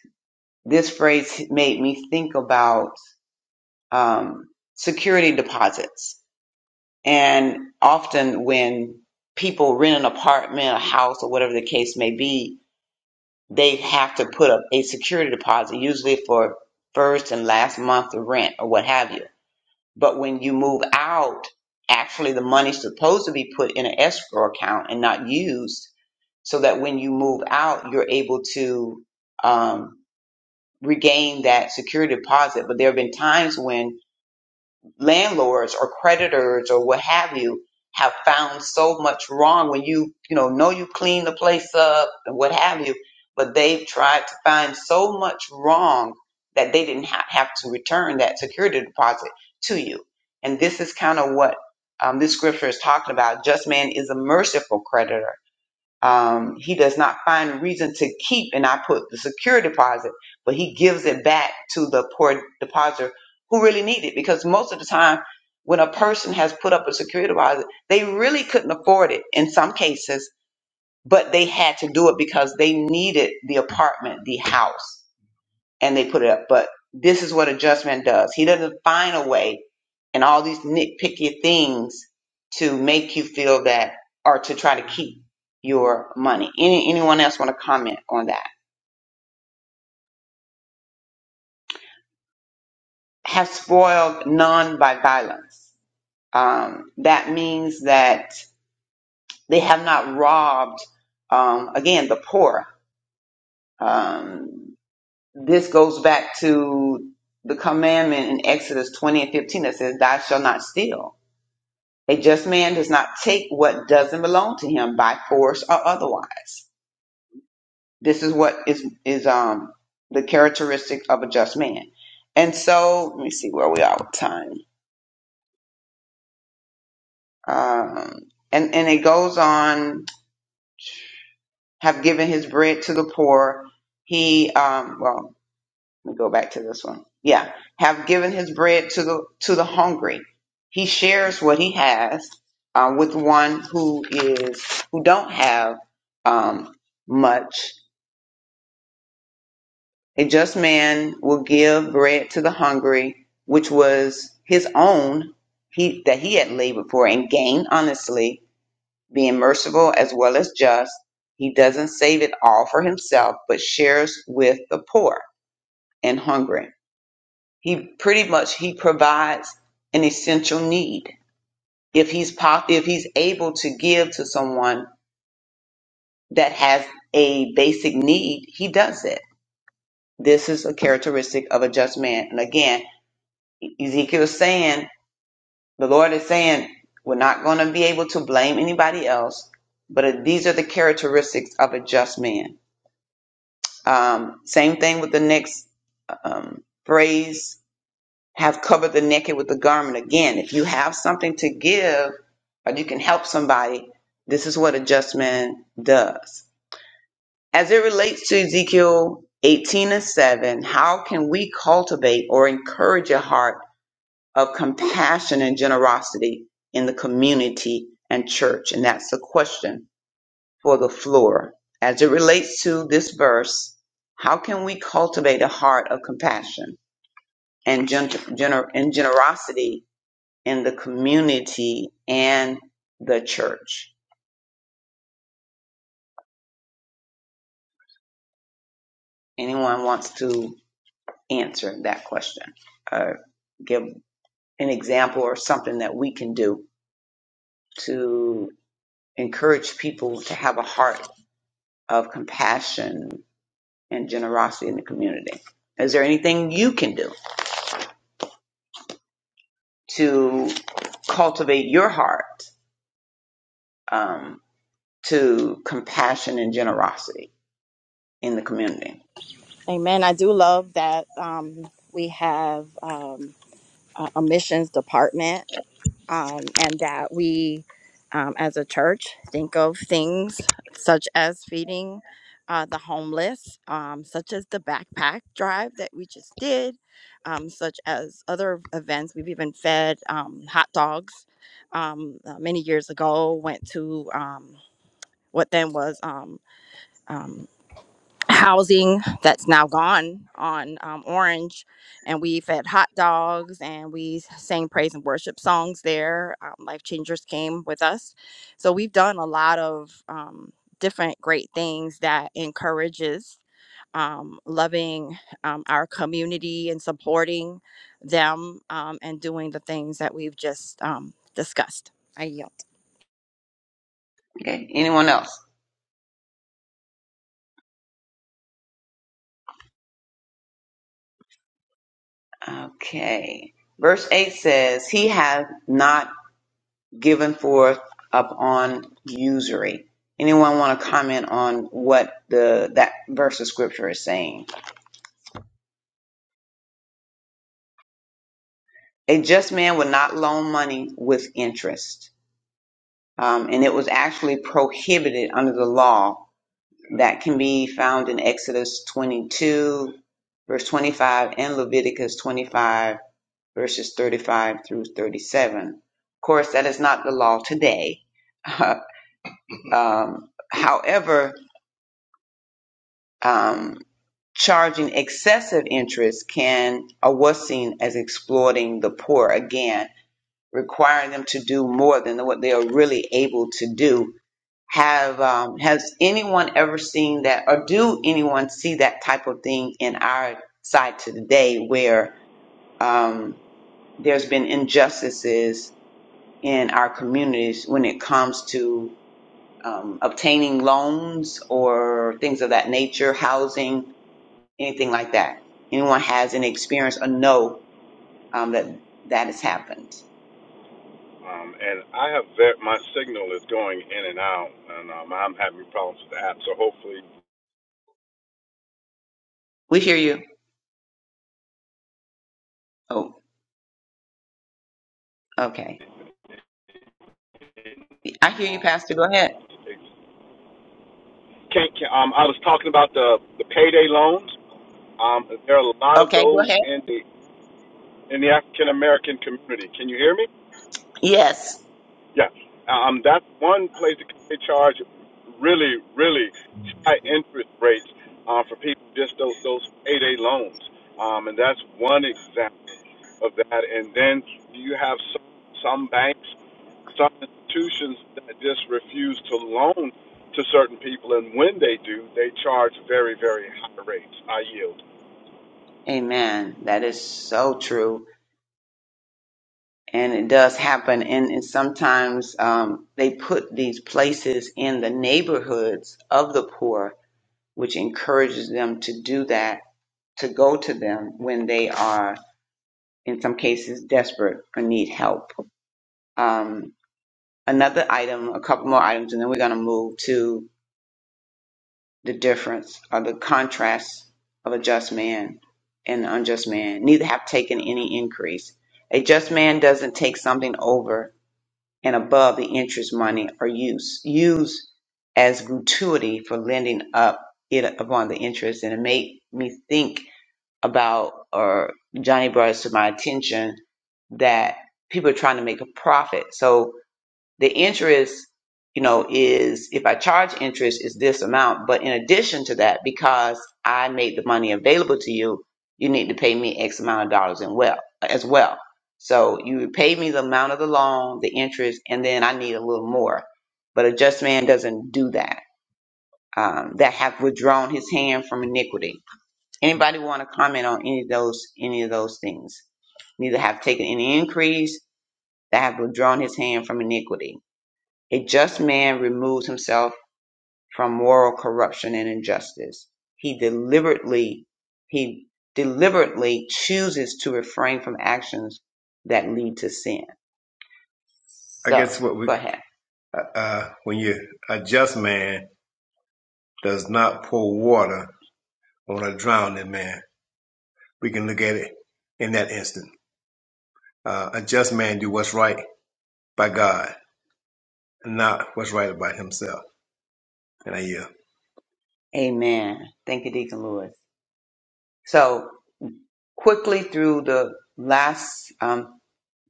S3: this phrase made me think about um, security deposits And often when people rent an apartment, a house, or whatever the case may be, they have to put up a security deposit, usually for first and last month of rent or what have you. But when you move out, actually the money's supposed to be put in an escrow account and not used so that when you move out, you're able to um, regain that security deposit. But there have been times when landlords or creditors or what have you have found so much wrong when you you know know you clean the place up and what have you but they've tried to find so much wrong that they didn't ha- have to return that security deposit to you and this is kind of what um, this scripture is talking about just man is a merciful creditor um, he does not find a reason to keep, and I put the secure deposit, but he gives it back to the poor depositor who really need it. Because most of the time, when a person has put up a secure deposit, they really couldn't afford it in some cases, but they had to do it because they needed the apartment, the house and they put it up. But this is what adjustment does. He doesn't find a way and all these nitpicky things to make you feel that or to try to keep your money. Any, anyone else want to comment on that? Have spoiled none by violence. Um, that means that they have not robbed, um, again, the poor. Um, this goes back to the commandment in Exodus 20 and 15 that says, Thou shalt not steal A just man does not take what doesn't belong to him by force or otherwise. This is what is is um the characteristic of a just man. And so let me see where we are with time. Um, and and it goes on. Have given his bread to the poor. He um well Let me go back to this one. Yeah. Have given his bread to the to the hungry. He shares what he has uh, with one who is who don't have um, much. A just man will give bread to the hungry, which was his own he that he had labored for and gained honestly, being merciful as well as just. He doesn't save it all for himself, but shares with the poor and hungry. He pretty much he provides an essential need. If he's po- if he's able to give to someone that has a basic need, he does it. This is a characteristic of a just man. And again, Ezekiel is saying, the Lord is saying, we're not going to be able to blame anybody else, but these are the characteristics of a just man. Um, same thing with the next um, phrase have covered the naked with the garment again. If you have something to give or you can help somebody, this is what adjustment does. As it relates to Ezekiel 18 and 7, how can we cultivate or encourage a heart of compassion and generosity in the community and church? And that's the question for the floor. As it relates to this verse, how can we cultivate a heart of compassion and, gen- gener- and generosity in the community and the church? Anyone wants to answer that question or give an example or something that we can do to encourage people to have a heart of compassion and generosity in the community? Is there anything you can do to cultivate your heart um, to compassion and generosity in the community?
S7: amen i do love that um, we have um, a a missions department um, and that we, um, as a church, think of things such as feeding uh, the homeless, um, such as the backpack drive that we just did, um, such as other events. We've even fed um, hot dogs um, uh, many years ago, went to um, what then was. Um, um, housing that's now gone on um, Orange, and we fed hot dogs and we sang praise and worship songs there. Um, Life Changers came with us, so we've done a lot of um, different great things that encourages um, loving um, our community and supporting them um, and doing the things that we've just um, discussed. I yield.
S3: Okay, anyone else? Okay. Verse 8 says, He hath not given forth upon usury. Anyone want to comment on what the that verse of scripture is saying? A just man would not loan money with interest. Um, and it was actually prohibited under the law that can be found in Exodus 22, verse 25, and Leviticus 25 verses 35 through 37. Of course, that is not the law today. (laughs) um, however, um, charging excessive interest can or was seen as exploiting the poor again, requiring them to do more than what they are really able to do. Have um, has anyone ever seen that, or do anyone see that type of thing in our side to today, where um, there's been injustices in our communities when it comes to um, obtaining loans or things of that nature, housing, anything like that. Anyone has any experience or know um, that that has happened? We hear you. Oh, okay. I hear you, Pastor. Go ahead.
S8: Can, can, um, I was talking about the, the payday loans. Um, there are a lot of
S3: Okay, go
S8: those
S3: ahead.
S8: in the African American community. Can you hear me?
S3: Yes.
S8: Yeah. Um, that's one place that they charge really, really high interest rates uh, for people just those, those payday loans. Um, and that's one example of that. And then you have some, some banks, some institutions that just refuse to loan to certain people. And when they do, they charge very, very high rates, high yield.
S3: Amen. That is so true. and it does happen. And, and sometimes um, they put these places in the neighborhoods of the poor, which encourages them to do that, to go to them when they are, in some cases, desperate or need help. Um, another item, a couple more items, and then we're going to move to the difference or the contrast of a just man and an unjust man. Neither have taken any increase. A just man doesn't take something over and above the interest money are used used as gratuity for lending up it upon the interest and it made me think about or johnny brought it to my attention that people are trying to make a profit so the interest you know is if i charge interest is this amount but in addition to that because i made the money available to you you need to pay me x amount of dollars in well as well so you pay me the amount of the loan the interest and then i need a little more but a just man doesn't do that um, that have withdrawn his hand from iniquity anybody want to comment on any of those any of those things neither have taken any increase that have withdrawn his hand from iniquity a just man removes himself from moral corruption and injustice. He deliberately he deliberately chooses to refrain from actions that lead to sin. I So guess what we go ahead. uh, when you a just man does not pour water on a drowning man. We can look at it in that instant. Uh, a just man do what's right by God, not what's right about himself. And I yield. Amen. Thank you, Deacon Lewis. So quickly through the last um,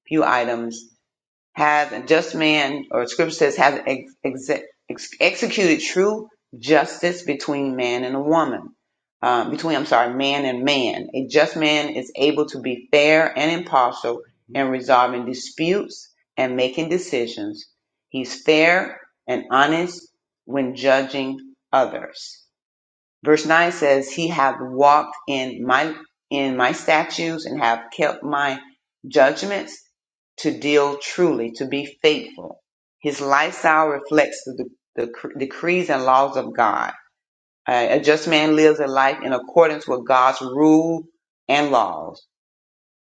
S3: few items. Have a just man, or scripture says, have ex- exe- ex- executed true justice between man and a woman. Um, between, I'm sorry, man and man. A just man is able to be fair and impartial in resolving disputes and making decisions. He's fair and honest when judging others. Verse 9 says, He hath walked in my in my statutes and have kept my judgments to deal truly, to be faithful. His lifestyle reflects the, the decrees and laws of God. Uh, a just man lives a life in accordance with God's rule and laws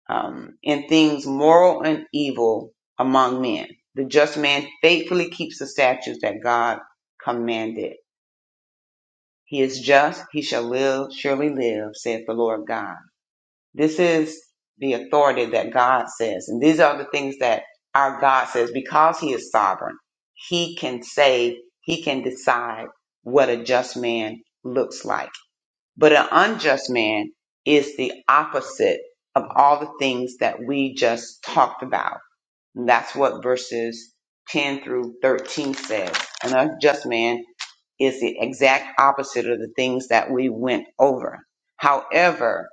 S3: um, in things moral and evil among men. The just man faithfully keeps the statutes that God commanded. He is just, he shall live, surely live, saith the Lord God. This is the authority that God says. And these are the things that our God says because he is sovereign. He can say, he can decide what a just man looks like. But an unjust man is the opposite of all the things that we just talked about. And that's what verses 10 through 13 says. An unjust man is the exact opposite of the things that we went over. However,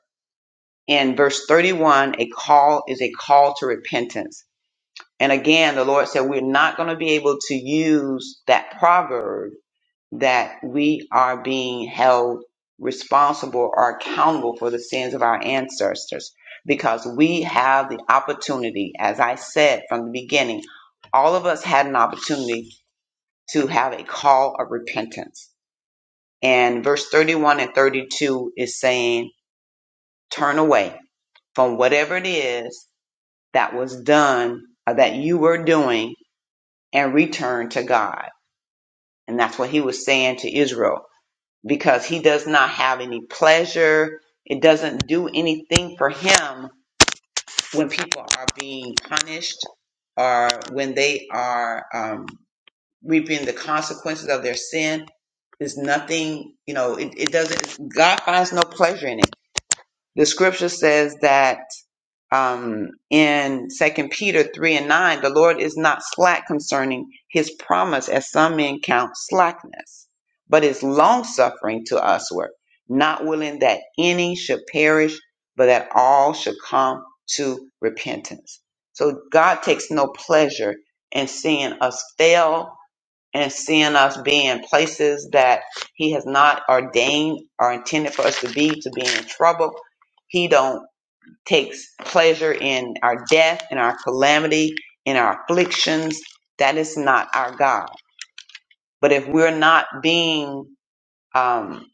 S3: in verse 31, a call is a call to repentance. And again, the Lord said, we're not going to be able to use that proverb that we are being held responsible or accountable for the sins of our ancestors because we have the opportunity, as I said from the beginning, all of us had an opportunity to have a call of repentance and verse 31 and 32 is saying, turn away from whatever it is that was done or that you were doing and return to God. And that's what he was saying to Israel because he does not have any pleasure. It doesn't do anything for him when people are being punished or when they are um, reaping the consequences of their sin. There's nothing, you know, it, it doesn't, God finds no pleasure in it. the scripture says that um, in second peter 3 and 9 the lord is not slack concerning his promise as some men count slackness but is longsuffering to usward not willing that any should perish but that all should come to repentance so god takes no pleasure in seeing us fail and seeing us being places that he has not ordained or intended for us to be to be in trouble he don't takes pleasure in our death in our calamity in our afflictions that is not our god but if we're not being um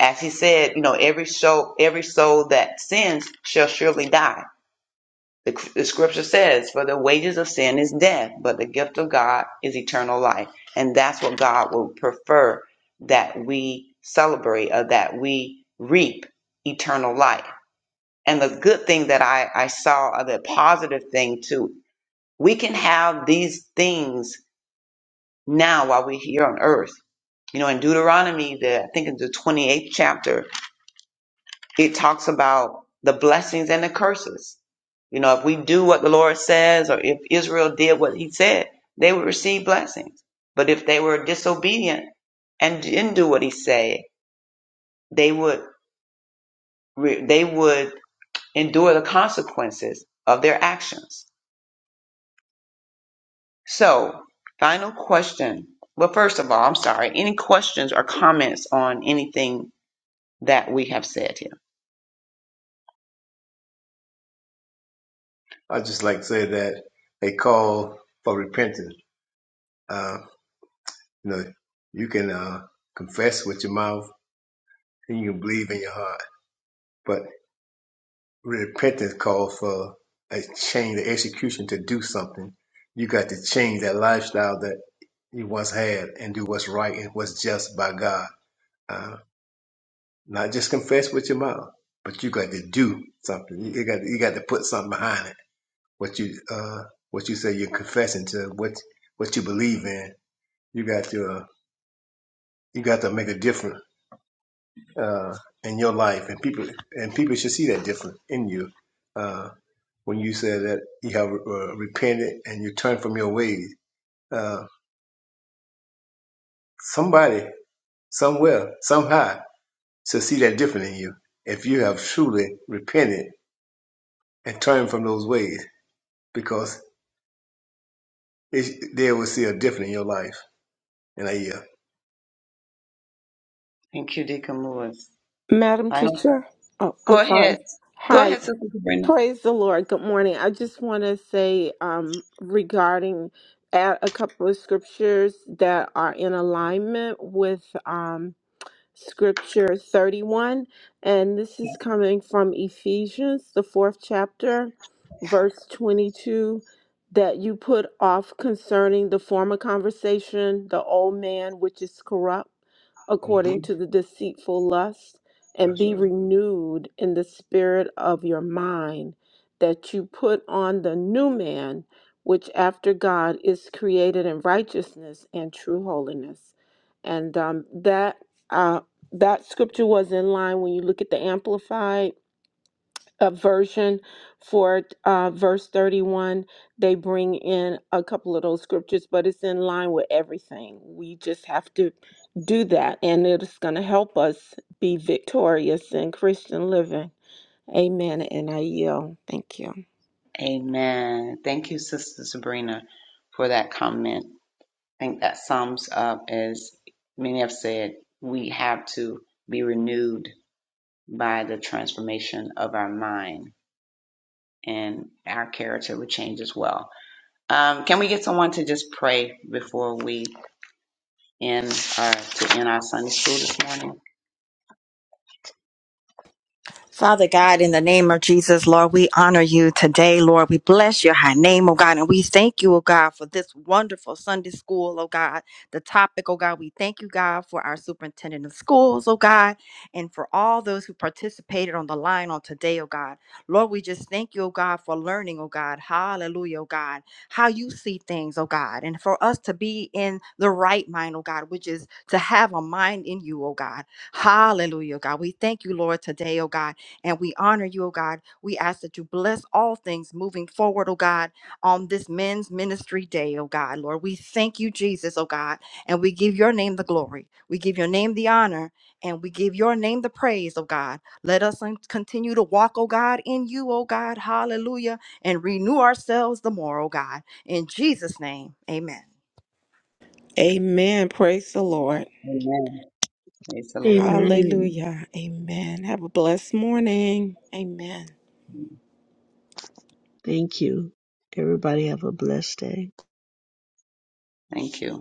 S3: as he said you know every soul every soul that sins shall surely die The, the scripture says, For the wages of sin is death, but the gift of God is eternal life. And that's what God would prefer that we celebrate or that we reap eternal life. And the good thing that I, I saw, or the positive thing too, we can have these things now while we're here on earth. You know, in Deuteronomy, the, I think in the 28th chapter, it talks about the blessings and the curses. You know, if we do what the Lord says, or if Israel did what he said, they would receive blessings. But if they were disobedient and didn't do what he said, they would, re- they would endure the consequences of their actions. So, final question. Well, first of all, I'm sorry. Any questions or comments on anything that we have said here? I just like to say that they call for repentance. You know, you can uh, confess with your mouth and you can believe in your heart. But repentance calls for a change, the execution to do something. You got to change that lifestyle that you once had and do what's right and what's just by God. Uh, not just confess with your mouth, but you got to do something. You you got you got to put something behind it. What you uh, what you say you're confessing to, what what you believe in. You got to uh, you got to make a difference uh, in your life, and people and people should see that difference in you uh, when you say that you have uh, repented and you turn from your ways. Uh, somebody, somewhere, somehow, should see that difference in you if you have truly repented and turned from those ways, because it, they will see a difference in your life in a year. Thank you, Deacon Lewis.
S9: Madam
S3: Final.
S9: Teacher, oh, I'm
S3: Go
S9: sorry.
S3: ahead. Go
S9: Hi,
S3: ahead, Sister Sabrina.
S9: praise the Lord. Good morning. I just want to say um, regarding add a couple of scriptures that are in alignment with. um scripture 31, and this is coming from Ephesians, the fourth chapter, verse 22 that you put off concerning the former conversation, the old man which is corrupt according to the deceitful lust, and be renewed in the spirit of your mind, that you put on the new man. Which after God is created in righteousness and true holiness, and um, that uh, that scripture was in line when you look at the amplified uh, version for uh, verse 31 they bring in a couple of those scriptures but it's in line with everything we just have to do that and it's going to help us be victorious in christian living amen and i yield thank you
S3: Amen. Thank you, Sister Sabrina, for that comment. I think that sums up, as many have said, we have to be renewed by the transformation of our mind, and our character will change as well. Um, can we get someone to just pray before we end our to end our Sunday school this morning?
S7: Father God, in the name of Jesus, Lord, we honor you today, Lord. We bless your high name, oh God, and we thank you, oh God, for this wonderful Sunday school, oh God. The topic, oh God, we thank you, God, for our superintendent of schools, oh God, and for all those who participated on the line on today, oh God. Lord, we just thank you, oh God, for learning, oh God. Hallelujah, oh God, how you see things, oh God, and for us to be in the right mind, oh God, which is to have a mind in you, oh God. Hallelujah, oh God. We thank you, Lord, today, oh God and we honor you, oh God. We ask that you bless all things moving forward, oh God, on this men's ministry day, oh God, Lord. We thank you, Jesus, oh God, and we give your name the glory. We give your name the honor, and we give your name the praise, oh God. Let us un- continue to walk, oh God, in you, oh God, hallelujah, and renew ourselves the more, oh God. In Jesus' name, amen.
S9: amen praise the lord
S3: Amen. Praise the Lord.
S5: Amen.
S9: hallelujah amen have a blessed morning amen
S5: Thank you. Everybody have a blessed day.
S3: Thank you.